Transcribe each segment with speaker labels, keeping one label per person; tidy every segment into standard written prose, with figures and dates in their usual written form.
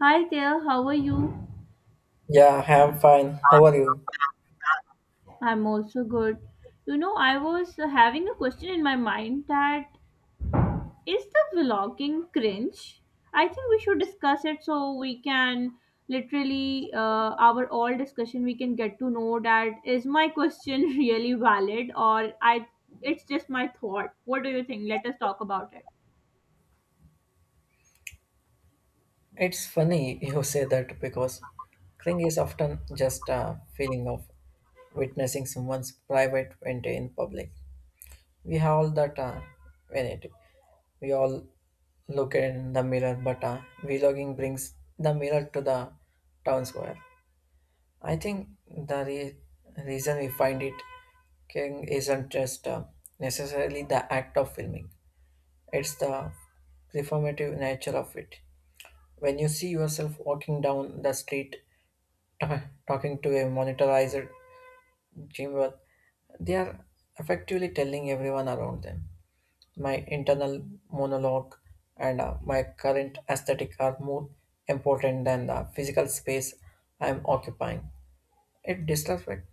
Speaker 1: Hi there, how are you?
Speaker 2: Yeah, I'm fine. How are you?
Speaker 1: I'm also good. You know, I was Having a question in my mind that is the vlogging cringe? I think we should discuss it so we can literally our all discussion we can get to know that is my question really valid or I it's just my thought. What do you think? Let us talk about it.
Speaker 2: It's funny you say that because cling is often just a feeling of witnessing someone's private event in public. We have all that vanity. We all look in the mirror, but vlogging brings the mirror to the town square. I think the reason we find it king isn't just necessarily the act of filming; it's the performative nature of it. When you see yourself walking down the street ta- talking to a monetized gym, work, they are effectively telling everyone around them. My internal monologue and my current aesthetic are more important than the physical space I am occupying. It disrespects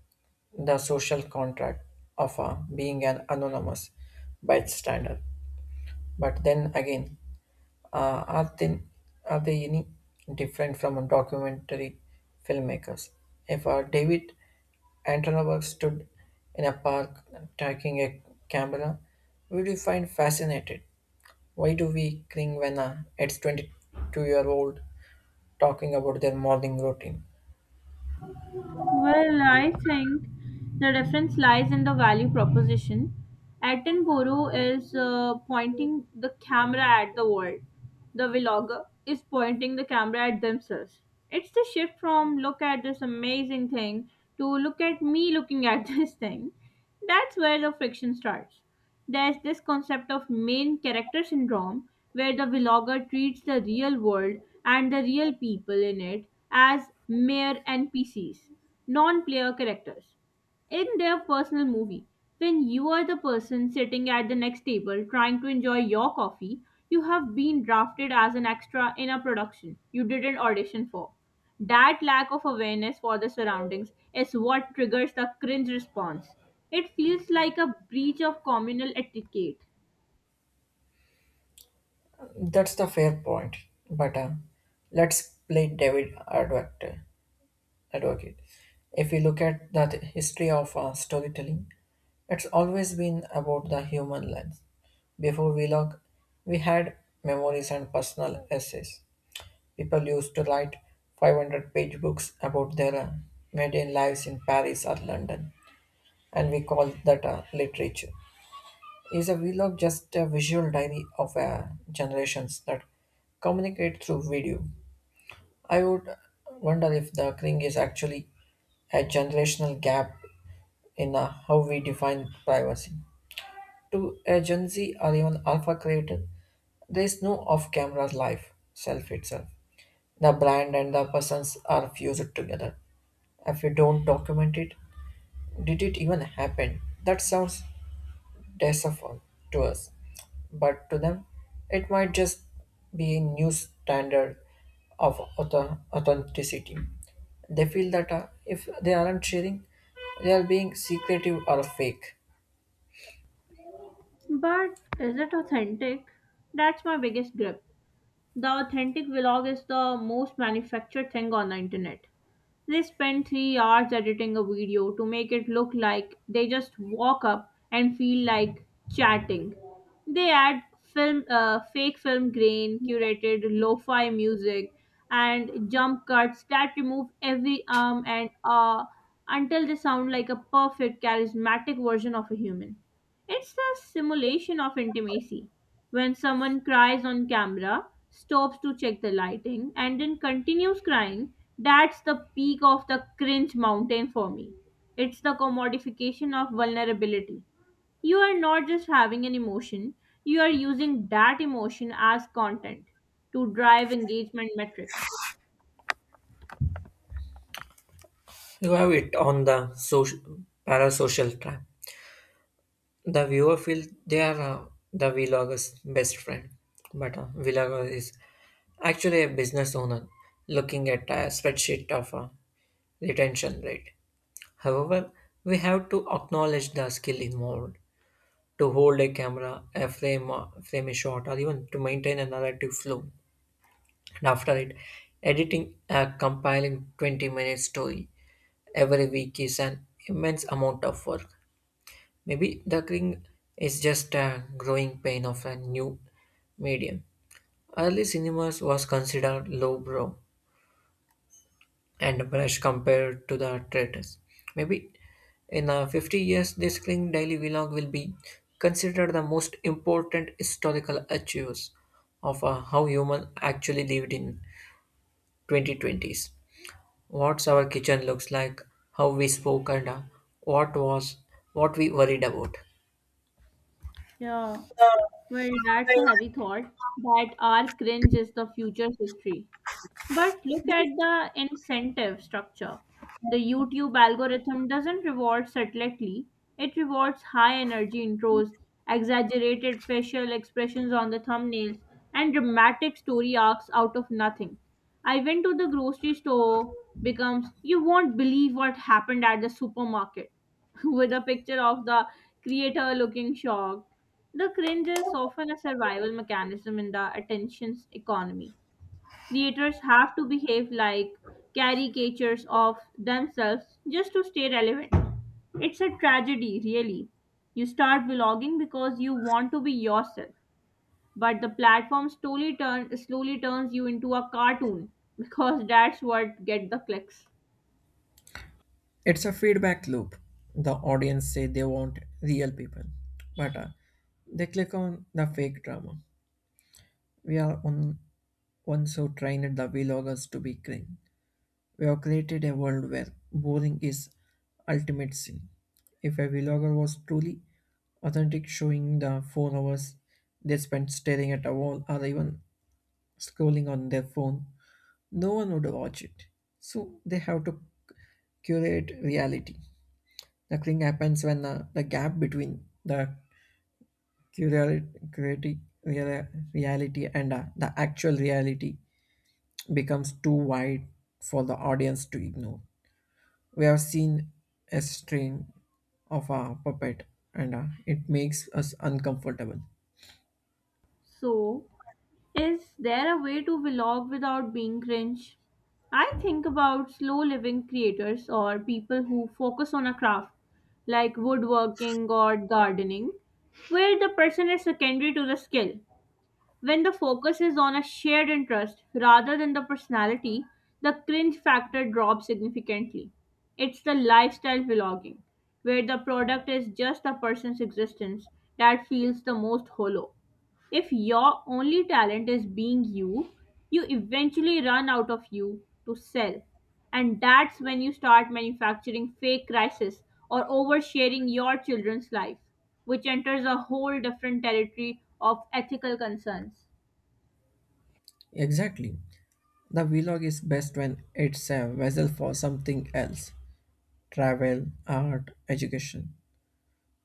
Speaker 2: the social contract of being an anonymous bystander. But then again, Uh, are, they, are they any different from a documentary filmmakers? If David Attenborough stood in a park taking a camera, would you find fascinated? Why do we cling when it's 22-year-old talking about their morning routine?
Speaker 1: Well, I think the difference lies in the value proposition. Attenborough is pointing the camera at the world. The vlogger is pointing the camera at themselves. It's the shift from look at this amazing thing to look at me looking at this thing. That's where the friction starts. There's this concept of main character syndrome, where the vlogger treats the real world and the real people in it as mere NPCs, non player characters in their personal movie. When you are the person sitting at the next table trying to enjoy your coffee, you have been drafted as an extra in a production you didn't audition for. That lack of awareness for the surroundings is what triggers the cringe response. It feels like a breach of communal etiquette.
Speaker 2: That's the fair point. But let's play David Advocate. Advocate. If we look at the history of storytelling, it's always been about the human lens. Before we log, we had memories and personal essays. People used to write 500-page books about their mundane lives in Paris or London, and we call that literature. Is a vlog just a visual diary of generations that communicate through video? I would wonder if the thing is actually a generational gap in how we define privacy. To a Gen Z or even Alpha creator, there is no off camera life, self itself. The brand and the persons are fused together. If you don't document it, did it even happen? That sounds decipher to us, but to them, it might just be a new standard of authenticity. They feel that if they aren't sharing, they are being secretive or fake.
Speaker 1: But is it authentic? That's my biggest grip. The authentic vlog is the most manufactured thing on the internet. They spend 3 hours editing a video to make it look like they just walk up and feel like chatting. They add film, fake film grain, curated lo-fi music, and jump cuts that remove every arm and until they sound like a perfect, charismatic version of a human. It's a simulation of intimacy. When someone cries on camera, stops to check the lighting, and then continues crying, that's the peak of the cringe mountain for me. It's the commodification of vulnerability. You are not just having an emotion, you are using that emotion as content to drive engagement metrics.
Speaker 2: You have it on the social, parasocial trap. The viewer feels they are the vlogger's best friend, but a vlogger is actually a business owner looking at a spreadsheet of a retention rate. However, we have to acknowledge the skill involved to hold a camera, a frame, a shot, or even to maintain a narrative flow. And after it, editing a compiling 20-minute story every week is an immense amount of work. Maybe the thing is just a growing pain of a new medium. Early cinemas was considered lowbrow and brush compared to the traitors. Maybe in 50 years, this clean daily vlog will be considered the most important historical achievers of how human actually lived in 2020s. What's our kitchen looks like, how we spoke, and what was what we worried about.
Speaker 1: Yeah, well, that's a heavy thought that our cringe is the future's history. But look at the incentive structure. The YouTube algorithm doesn't reward subtlety, it rewards high energy intros, exaggerated facial expressions on the thumbnails, and dramatic story arcs out of nothing. I went to the grocery store, becomes you won't believe what happened at the supermarket, with a picture of the creator looking shocked. The cringe is often a survival mechanism in the attention economy. Creators have to behave like caricatures of themselves just to stay relevant. It's a tragedy, really. You start vlogging because you want to be yourself, but the platform slowly turns you into a cartoon because that's what get the clicks.
Speaker 2: It's a feedback loop. The audience say they want real people, but they click on the fake drama. We are on, once so trained the vloggers to be green. We have created a world where boring is ultimate sin. If a vlogger was truly authentic, showing the 4 hours they spent staring at a wall or even scrolling on their phone, no one would watch it. So they have to curate reality. The thing happens when the gap between the curate, curate, reality and the actual reality becomes too wide for the audience to ignore. We have seen a string of a puppet and it makes us uncomfortable.
Speaker 1: So, is there a way to vlog without being cringe? I think about slow living creators or people who focus on a craft like woodworking or gardening, where the person is secondary to the skill. When the focus is on a shared interest rather than the personality, the cringe factor drops significantly. It's the lifestyle vlogging, where the product is just a person's existence that feels the most hollow. If your only talent is being you, you eventually run out of you to sell. And that's when you start manufacturing fake crisis or oversharing your children's life, which enters a whole different territory of ethical concerns.
Speaker 2: Exactly. The vlog is best when it's a vessel for something else travel, art, education.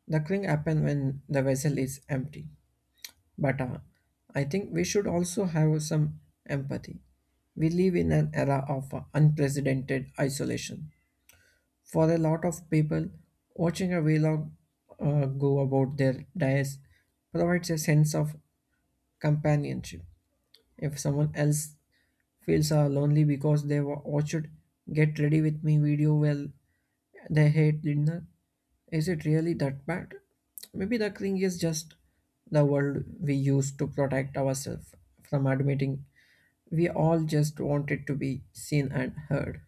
Speaker 2: The cling happens when the vessel is empty. But I think we should also have some empathy. We live in an era of unprecedented isolation. For a lot of people, watching a vlog go about their days provides a sense of companionship. If someone else feels lonely because they watched Get Ready With Me video while they hate dinner, is it really that bad? Maybe the thing is just the world we use to protect ourselves from admitting we all just wanted to be seen and heard.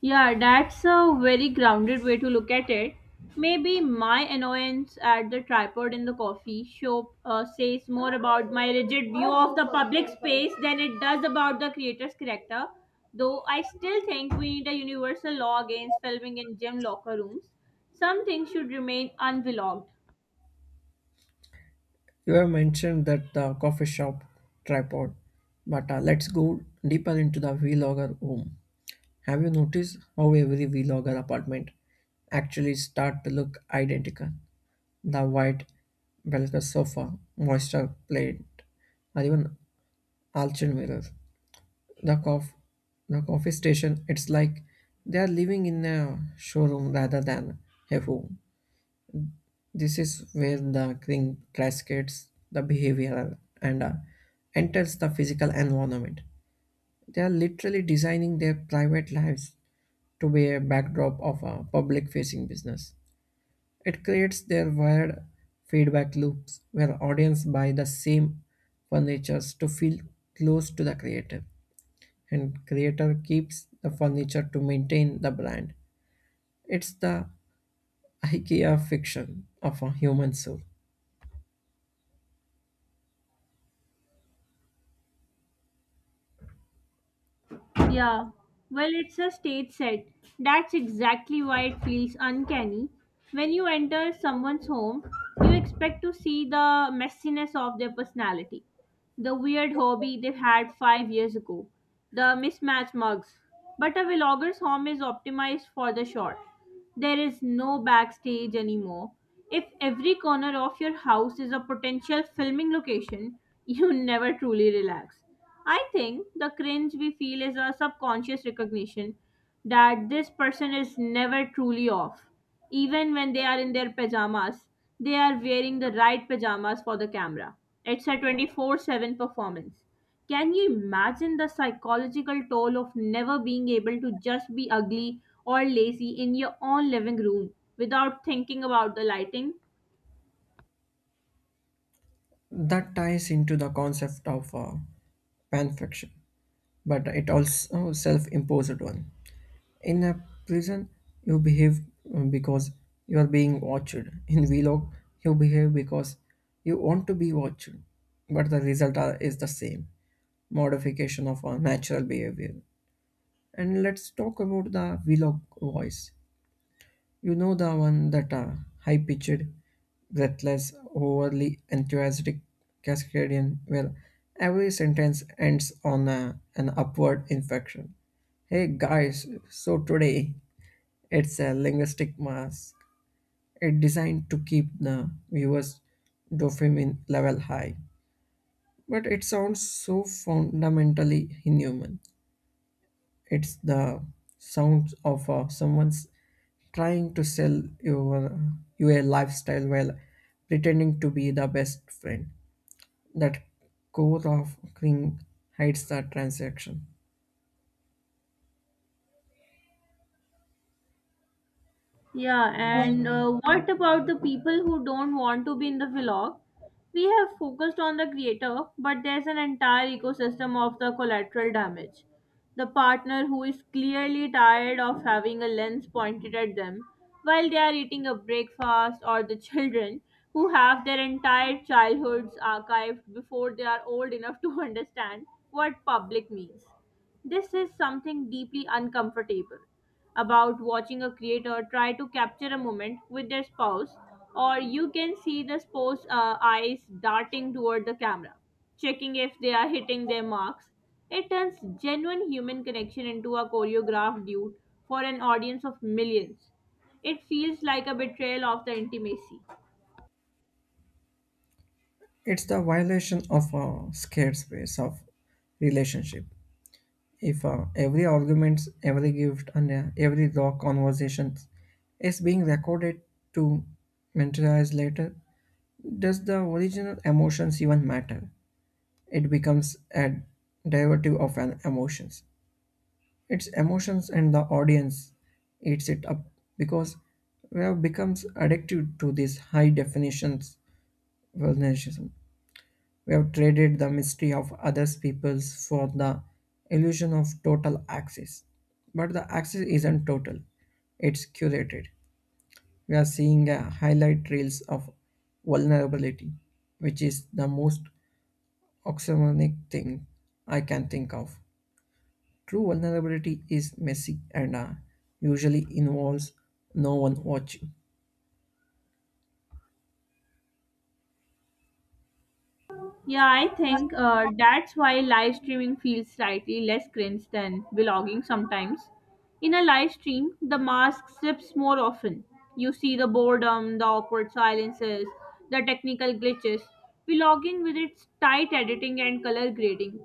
Speaker 1: Yeah, that's a very grounded way to look at it. Maybe my annoyance at the tripod in the coffee shop says more about my rigid view of the public space than it does about the creator's character. Though I still think we need a universal law against filming in gym locker rooms. Some things should remain unvlogged.
Speaker 2: You have mentioned that the coffee shop tripod, but let's go deeper into the vlogger home. Have you noticed how every vlogger apartment actually start to look identical? The white Belka sofa, moisture plate, or even Alchin mirror. The cof- the coffee station, it's like they are living in a showroom rather than a home. This is where the thing cascades the behavioral and enters the physical environment. They are literally designing their private lives to be a backdrop of a public facing business. It creates their wired feedback loops where audience buy the same furnitures to feel close to the creator and creator keeps the furniture to maintain the brand. It's the IKEA fiction of a human soul.
Speaker 1: Yeah, well, it's a stage set. That's exactly why it feels uncanny. When you enter someone's home, you expect to see the messiness of their personality, the weird hobby they had 5 years ago, the mismatched mugs. But a vlogger's home is optimized for the shot. There is no backstage anymore. If every corner of your house is a potential filming location, you never truly relax. I think the cringe we feel is a subconscious recognition that this person is never truly off. Even when they are in their pajamas, they are wearing the right pajamas for the camera. It's a 24/7 performance. Can you imagine the psychological toll of never being able to just be ugly or lazy in your own living room without thinking about the lighting?
Speaker 2: That ties into the concept of fan but it also self-imposed one. In a prison, you behave because you are being watched. In Vlog, you behave because you want to be watched, but is the same modification of our natural behavior. And let's talk about the Vlog voice. You know the one that high pitched, breathless, overly enthusiastic Cascadian, where every sentence ends on an upward inflection. Hey guys, so today it's a linguistic mask. It's designed to keep the viewer's dopamine level high. But it sounds so fundamentally inhuman. It's the sounds of someone's trying to sell you a lifestyle while pretending to be the best friend. That core of cring hides the transaction.
Speaker 1: Yeah, and what about the people who don't want to be in the vlog? We have focused on the creator, but there's an entire ecosystem of the collateral damage. The partner who is clearly tired of having a lens pointed at them while they are eating a breakfast, or the children who have their entire childhoods archived before they are old enough to understand what public means. This is something deeply uncomfortable about watching a creator try to capture a moment with their spouse, or you can see the spouse's eyes darting toward the camera, checking if they are hitting their marks. It turns genuine human connection into a choreographed duet for an audience of millions. It feels like a betrayal of the intimacy.
Speaker 2: It's the violation of a scared space of relationship. If every argument, every gift, and every raw conversation is being recorded to mentalize later, does the original emotions even matter? It becomes a derivative of an emotions. It's emotions and the audience eats it up because we have become addicted to these high definitions vulnerabilism. We have traded the mystery of others people's for the illusion of total access. But the access isn't total, it's curated. We are seeing a highlight reels of vulnerability, which is the most oxymoronic thing I can think of. True vulnerability is messy and usually involves no one watching.
Speaker 1: Yeah, I think that's why live streaming feels slightly less cringe than vlogging sometimes. In a live stream, the mask slips more often. You see the boredom, the awkward silences, the technical glitches. Vlogging, with its tight editing and color grading,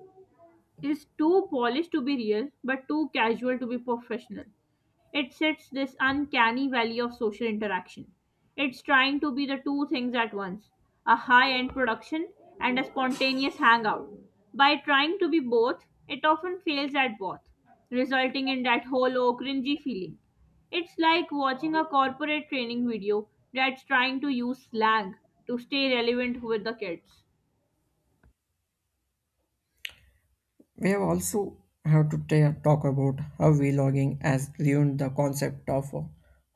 Speaker 1: is too polished to be real but too casual to be professional. It sits this uncanny valley of social interaction. It's trying to be the two things at once, a high end production and a spontaneous hangout. By trying to be both, it often fails at both, resulting in that hollow, cringy feeling. It's like watching a corporate training video that's trying to use slang to stay relevant with the kids.
Speaker 2: We have also have to talk about how vlogging has ruined the concept of a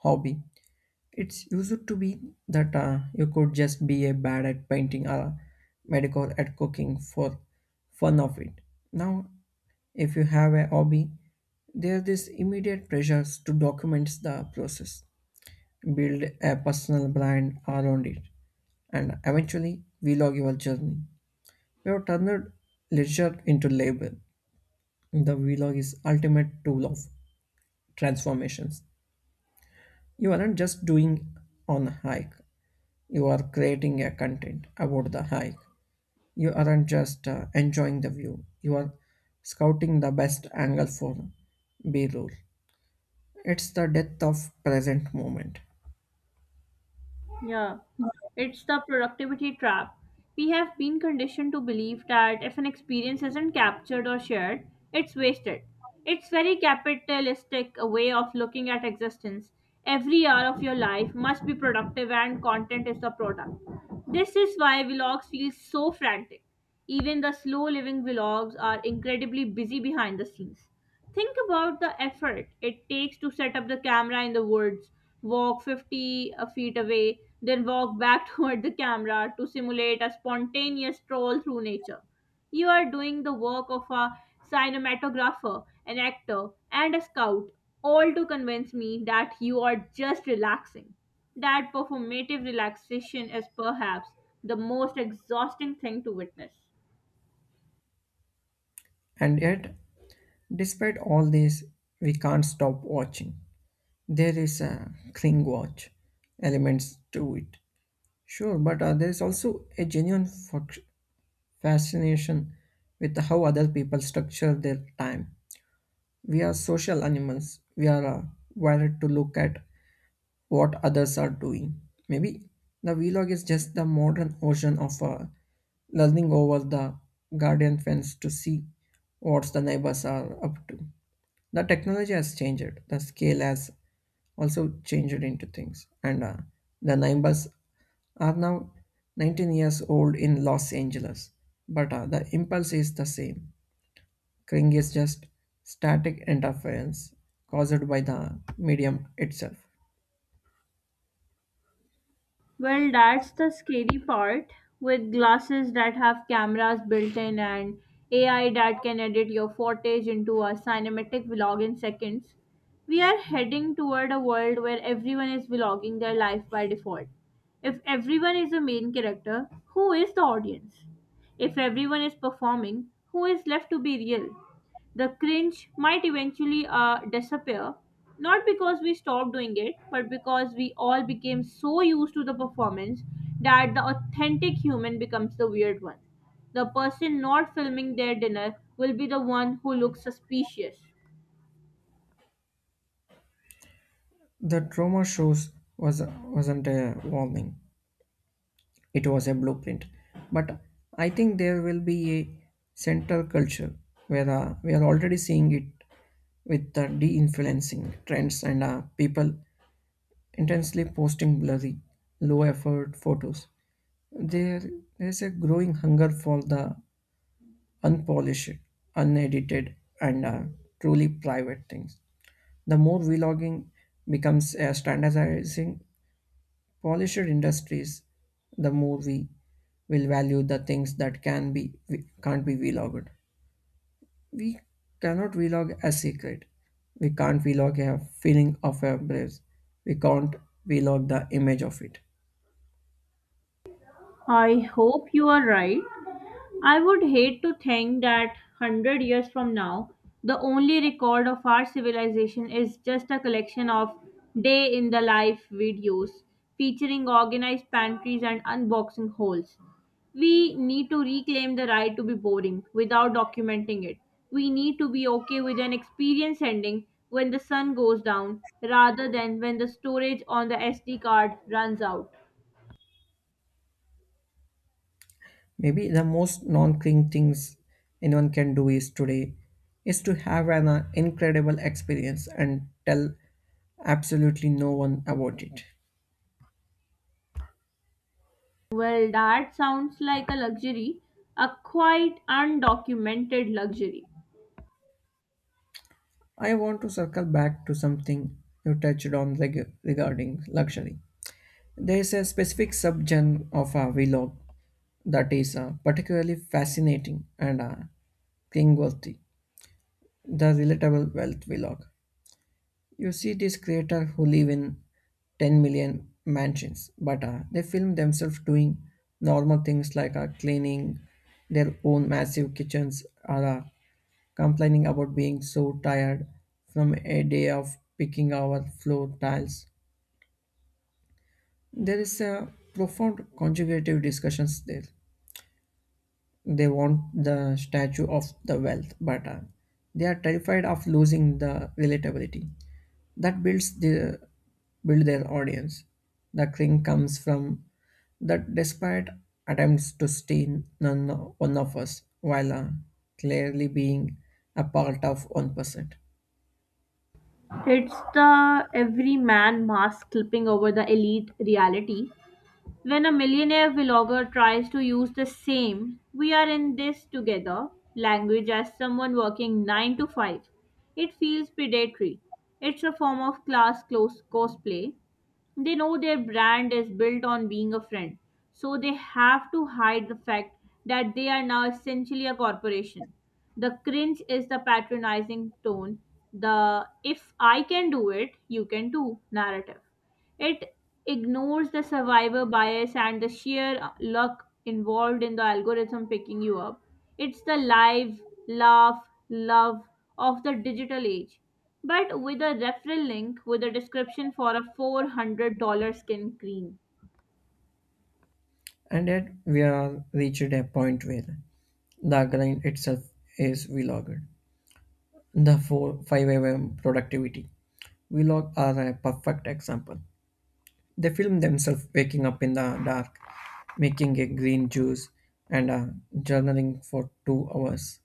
Speaker 2: hobby. It's used to be that you could just be a bad at painting or medical at cooking for fun of it. Now, if you have a hobby, there is immediate pressures to document the process, build a personal brand around it, and eventually vlog your journey. We have turned leisure into labor. The vlog is ultimate tool of transformations. You aren't just doing on a hike. You are creating a content about the hike. You aren't just enjoying the view. You are scouting the best angle for B-roll. It's the death of present moment.
Speaker 1: Yeah, it's the productivity trap. We have been conditioned to believe that if an experience isn't captured or shared, it's wasted. It's very capitalistic a way of looking at existence. Every hour of your life must be productive and content is the product. This is why vlogs feel so frantic. Even the slow living vlogs are incredibly busy behind the scenes. Think about the effort it takes to set up the camera in the woods, walk 50 a feet away, then walk back toward the camera to simulate a spontaneous stroll through nature. You are doing the work of a cinematographer, an actor, and a scout, all to convince me that you are just relaxing. That performative relaxation is perhaps the most exhausting thing to witness.
Speaker 2: And yet despite all this, we can't stop watching. There is a cling watch elements to it. Sure, but there is also a genuine fascination with how other people structure their time. We are social animals. We are wired to look at what others are doing. Maybe the vlog is just the modern ocean of lulling over the guardian fence to see what the neighbors are up to. The technology has changed, the scale has also changed into things, and the neighbors are now 19 years old in Los Angeles. But the impulse is the same. Cring is just static interference caused by the medium itself.
Speaker 1: Well, that's the scary part with glasses that have cameras built in and AI that can edit your footage into a cinematic vlog in seconds. We are heading toward a world where everyone is vlogging their life by default. If everyone is a main character, who is the audience? If everyone is performing, who is left to be real? The cringe might eventually disappear, not because we stopped doing it, but because we all became so used to the performance that the authentic human becomes the weird one. The person not filming their dinner will be the one who looks suspicious.
Speaker 2: The trauma shows wasn't a warning; it was a blueprint. But I think there will be a central culture where we are already seeing it with the de-influencing trends and people intensely posting blurry, low-effort photos. There is a growing hunger for the unpolished, unedited, and truly private things. The more vlogging becomes a standardizing polished industries, the more we will value the things that can be can't be vlogged. We cannot vlog a secret. We can't vlog a feeling of a place. We can't vlog the image of it.
Speaker 1: I hope you are right. I would hate to think that 100 years from now, the only record of our civilization is just a collection of day in the life videos featuring organized pantries and unboxing holes. We need to reclaim the right to be boring without documenting it. We need to be okay with an experience ending when the sun goes down rather than when the storage on the SD card runs out.
Speaker 2: Maybe the most non-cling things anyone can do is today is to have an incredible experience and tell absolutely no one about it.
Speaker 1: Well, that sounds like a luxury, a quite undocumented luxury.
Speaker 2: I want to circle back to something you touched on regarding luxury. There is a specific subgenre of vlog that is particularly fascinating and cringeworthy. The relatable wealth vlog. You see these creators who live in 10 million mansions, but they film themselves doing normal things like cleaning their own massive kitchens or complaining about being so tired from a day of picking our floor tiles. There is a profound conjugative discussions there. They want the statue of the wealth, but they are terrified of losing the relatability that build their audience. The cling comes from that despite attempts to steal none one of us while clearly being a part of 1%.
Speaker 1: It's the everyman mask clipping over the elite reality. When a millionaire vlogger tries to use the same, we are in this together language as someone working 9 to 5, it feels predatory. It's a form of class close cosplay. They know their brand is built on being a friend, so they have to hide the fact that they are now essentially a corporation. The cringe is the patronizing tone, the if I can do it, you can too narrative. It ignores the survivor bias and the sheer luck involved in the algorithm picking you up. It's the live, laugh, love of the digital age. But with a referral link with a description for a $400 skin cream.
Speaker 2: And yet we are reached a point where the grind itself is vlogged. The 4 5 a.m. productivity vlog are a perfect example. They film themselves waking up in the dark, making a green juice, and journaling for 2 hours.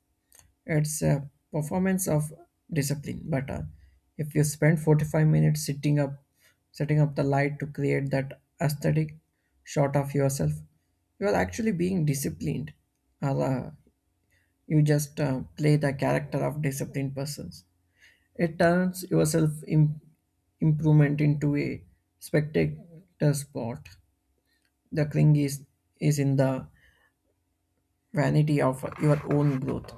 Speaker 2: It's a performance of discipline, but if you spend 45 minutes sitting up, setting up the light to create that aesthetic shot of yourself, you are actually being disciplined, or you just play the character of disciplined persons. It turns your self improvement into a spectator sport. The cring is in the vanity of your own growth.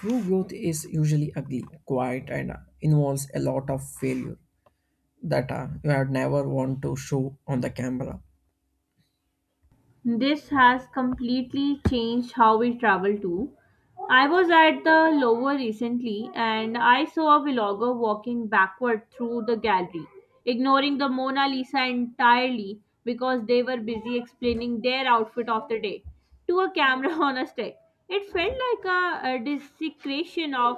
Speaker 2: True growth is usually ugly, quiet, and involves a lot of failure that you have never want to show on the camera.
Speaker 1: This has completely changed how we travel too. I was at the Louvre recently and I saw a vlogger walking backward through the gallery, ignoring the Mona Lisa entirely because they were busy explaining their outfit of the day to a camera on a stick. It felt like a desecration of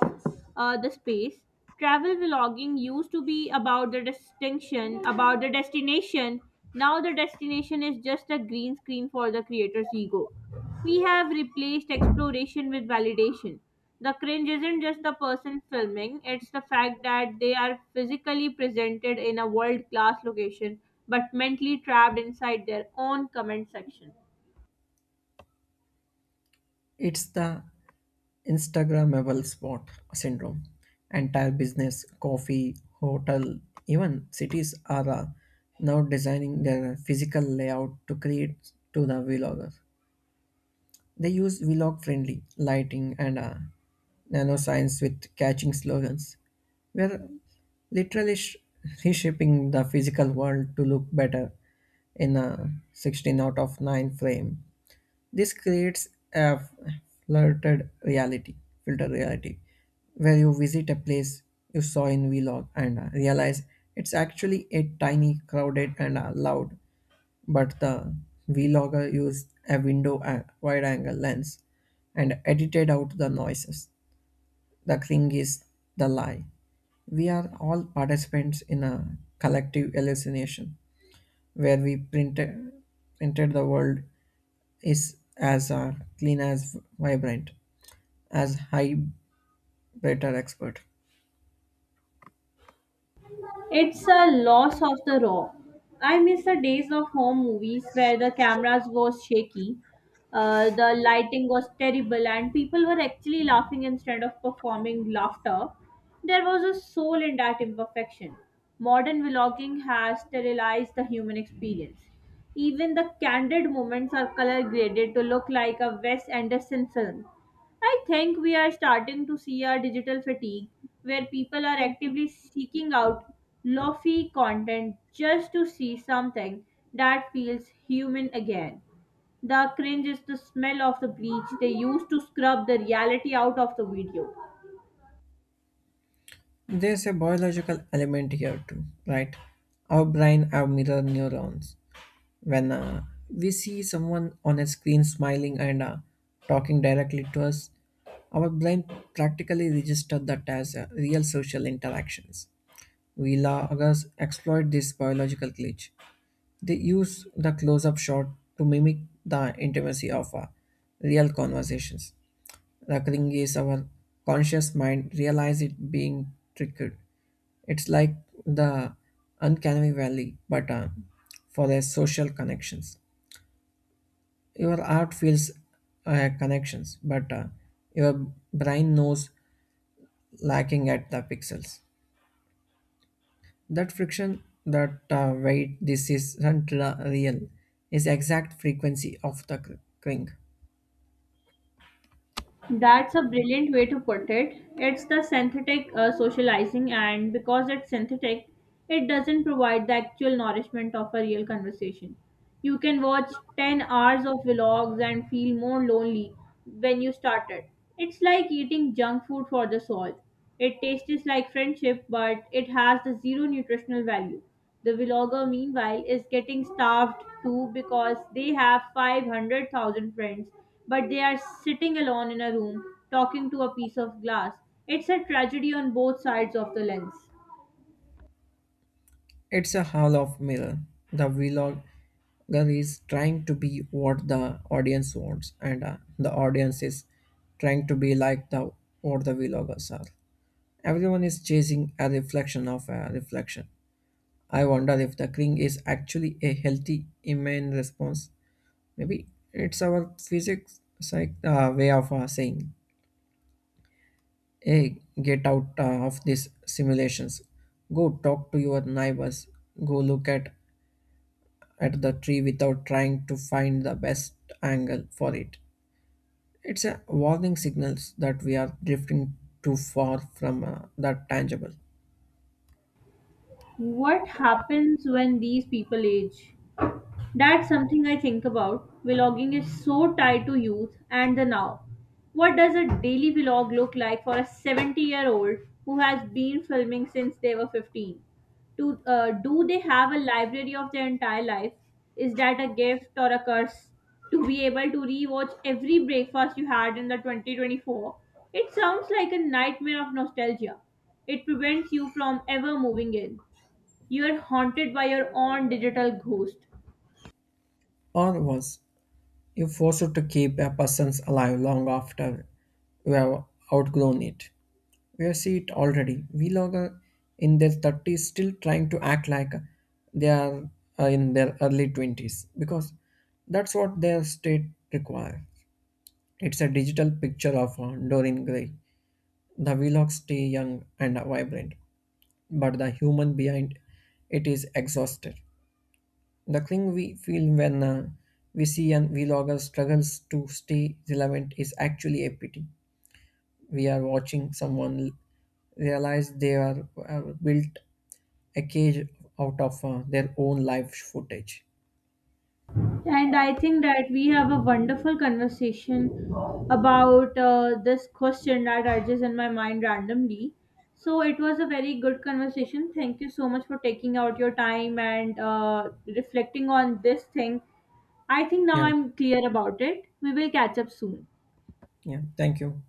Speaker 1: the space. Travel vlogging used to be about the distinction, about the destination. Now the destination is just a green screen for the creator's ego. We have replaced exploration with validation. The cringe isn't just the person filming, it's the fact that they are physically presented in a world class location but mentally trapped inside their own comment section.
Speaker 2: It's the Instagrammable spot syndrome. Entire business, coffee, hotel, even cities are now designing their physical layout to create to the vlogger. They use vlog friendly lighting and nanoscience with catching slogans. We're literally reshaping the physical world to look better in a 16 out of 9 frame. This creates a filtered reality, filtered reality, where you visit a place you saw in vlog and realize it's actually a tiny, crowded, and loud. But the vlogger used a window and wide-angle lens and edited out the noises. The thing is the lie. We are all participants in a collective hallucination where we printed the world is as clean as vibrant as high better expert.
Speaker 1: It's a loss of the raw. I miss the days of home movies where the cameras was shaky, the lighting was terrible, and people were actually laughing instead of performing laughter. There was a soul in that imperfection. Modern vlogging has sterilized the human experience. Even the candid moments are color graded to look like a Wes Anderson film. I think we are starting to see a digital fatigue where people are actively seeking out lofi content just to see something that feels human again. The cringe is the smell of the bleach they used to scrub the reality out of the video.
Speaker 2: There's a biological element here too, right? Our brain, our mirror neurons, when we see someone on a screen smiling and talking directly to us, our brain practically registers that as real social interactions. Vloggers exploit this biological glitch. They use the close up shot to mimic the intimacy of real conversations. Recurring is our conscious mind realize it being tricked. It's like the uncanny valley, but for the social connections. Your art feels connections, but your brain knows lacking at the pixels. That friction, that weight, this isn't real, is exact frequency of the clink.
Speaker 1: That's a brilliant way to put it. It's the synthetic socializing, and because it's synthetic, it doesn't provide the actual nourishment of a real conversation. You can watch 10 hours of vlogs and feel more lonely when you started. It's like eating junk food for the soul. It tastes like friendship, but it has the zero nutritional value. The vlogger, meanwhile, is getting starved too because they have 500,000 friends, but they are sitting alone in a room talking to a piece of glass. It's a tragedy on both sides of the lens.
Speaker 2: It's a hall of mirror. The vlogger is trying to be what the audience wants, and the audience is trying to be like the what the vloggers are. Everyone is chasing a reflection of a reflection. I wonder if the cling is actually a healthy immune response. Maybe it's our physics psych, way of saying, "Hey, get out of these simulations. Go talk to your neighbors. Go look at the tree without trying to find the best angle for it." It's a warning signals that we are drifting too far from that tangible.
Speaker 1: What happens when these people age? That's something I think about. Vlogging is so tied to youth and the now. What does a daily vlog look like for a 70-year-old who has been filming since they were 15? Do they have a library of their entire life? Is that a gift or a curse? To be able to rewatch every breakfast you had in the 2024, it sounds like a nightmare of nostalgia. It prevents you from ever moving in. You are haunted by your own digital ghost.
Speaker 2: Or was you forced to keep a person's alive long after you have outgrown it? We see it already. Vlogger in their 30s still trying to act like they are in their early 20s because that's what their state requires. It's a digital picture of Dorian Gray. The vlogs stay young and vibrant, but the human behind it is exhausted. The thing we feel when we see an vlogger struggles to stay relevant is actually a pity. We are watching someone realize they are built a cage out of their own live footage.
Speaker 1: And I think that we have a wonderful conversation about this question that arises in my mind randomly. So it was a very good conversation. Thank you so much for taking out your time and reflecting on this thing. I think now
Speaker 2: Yeah,
Speaker 1: I'm clear about it. We will catch up soon.
Speaker 2: yeah. Thank you.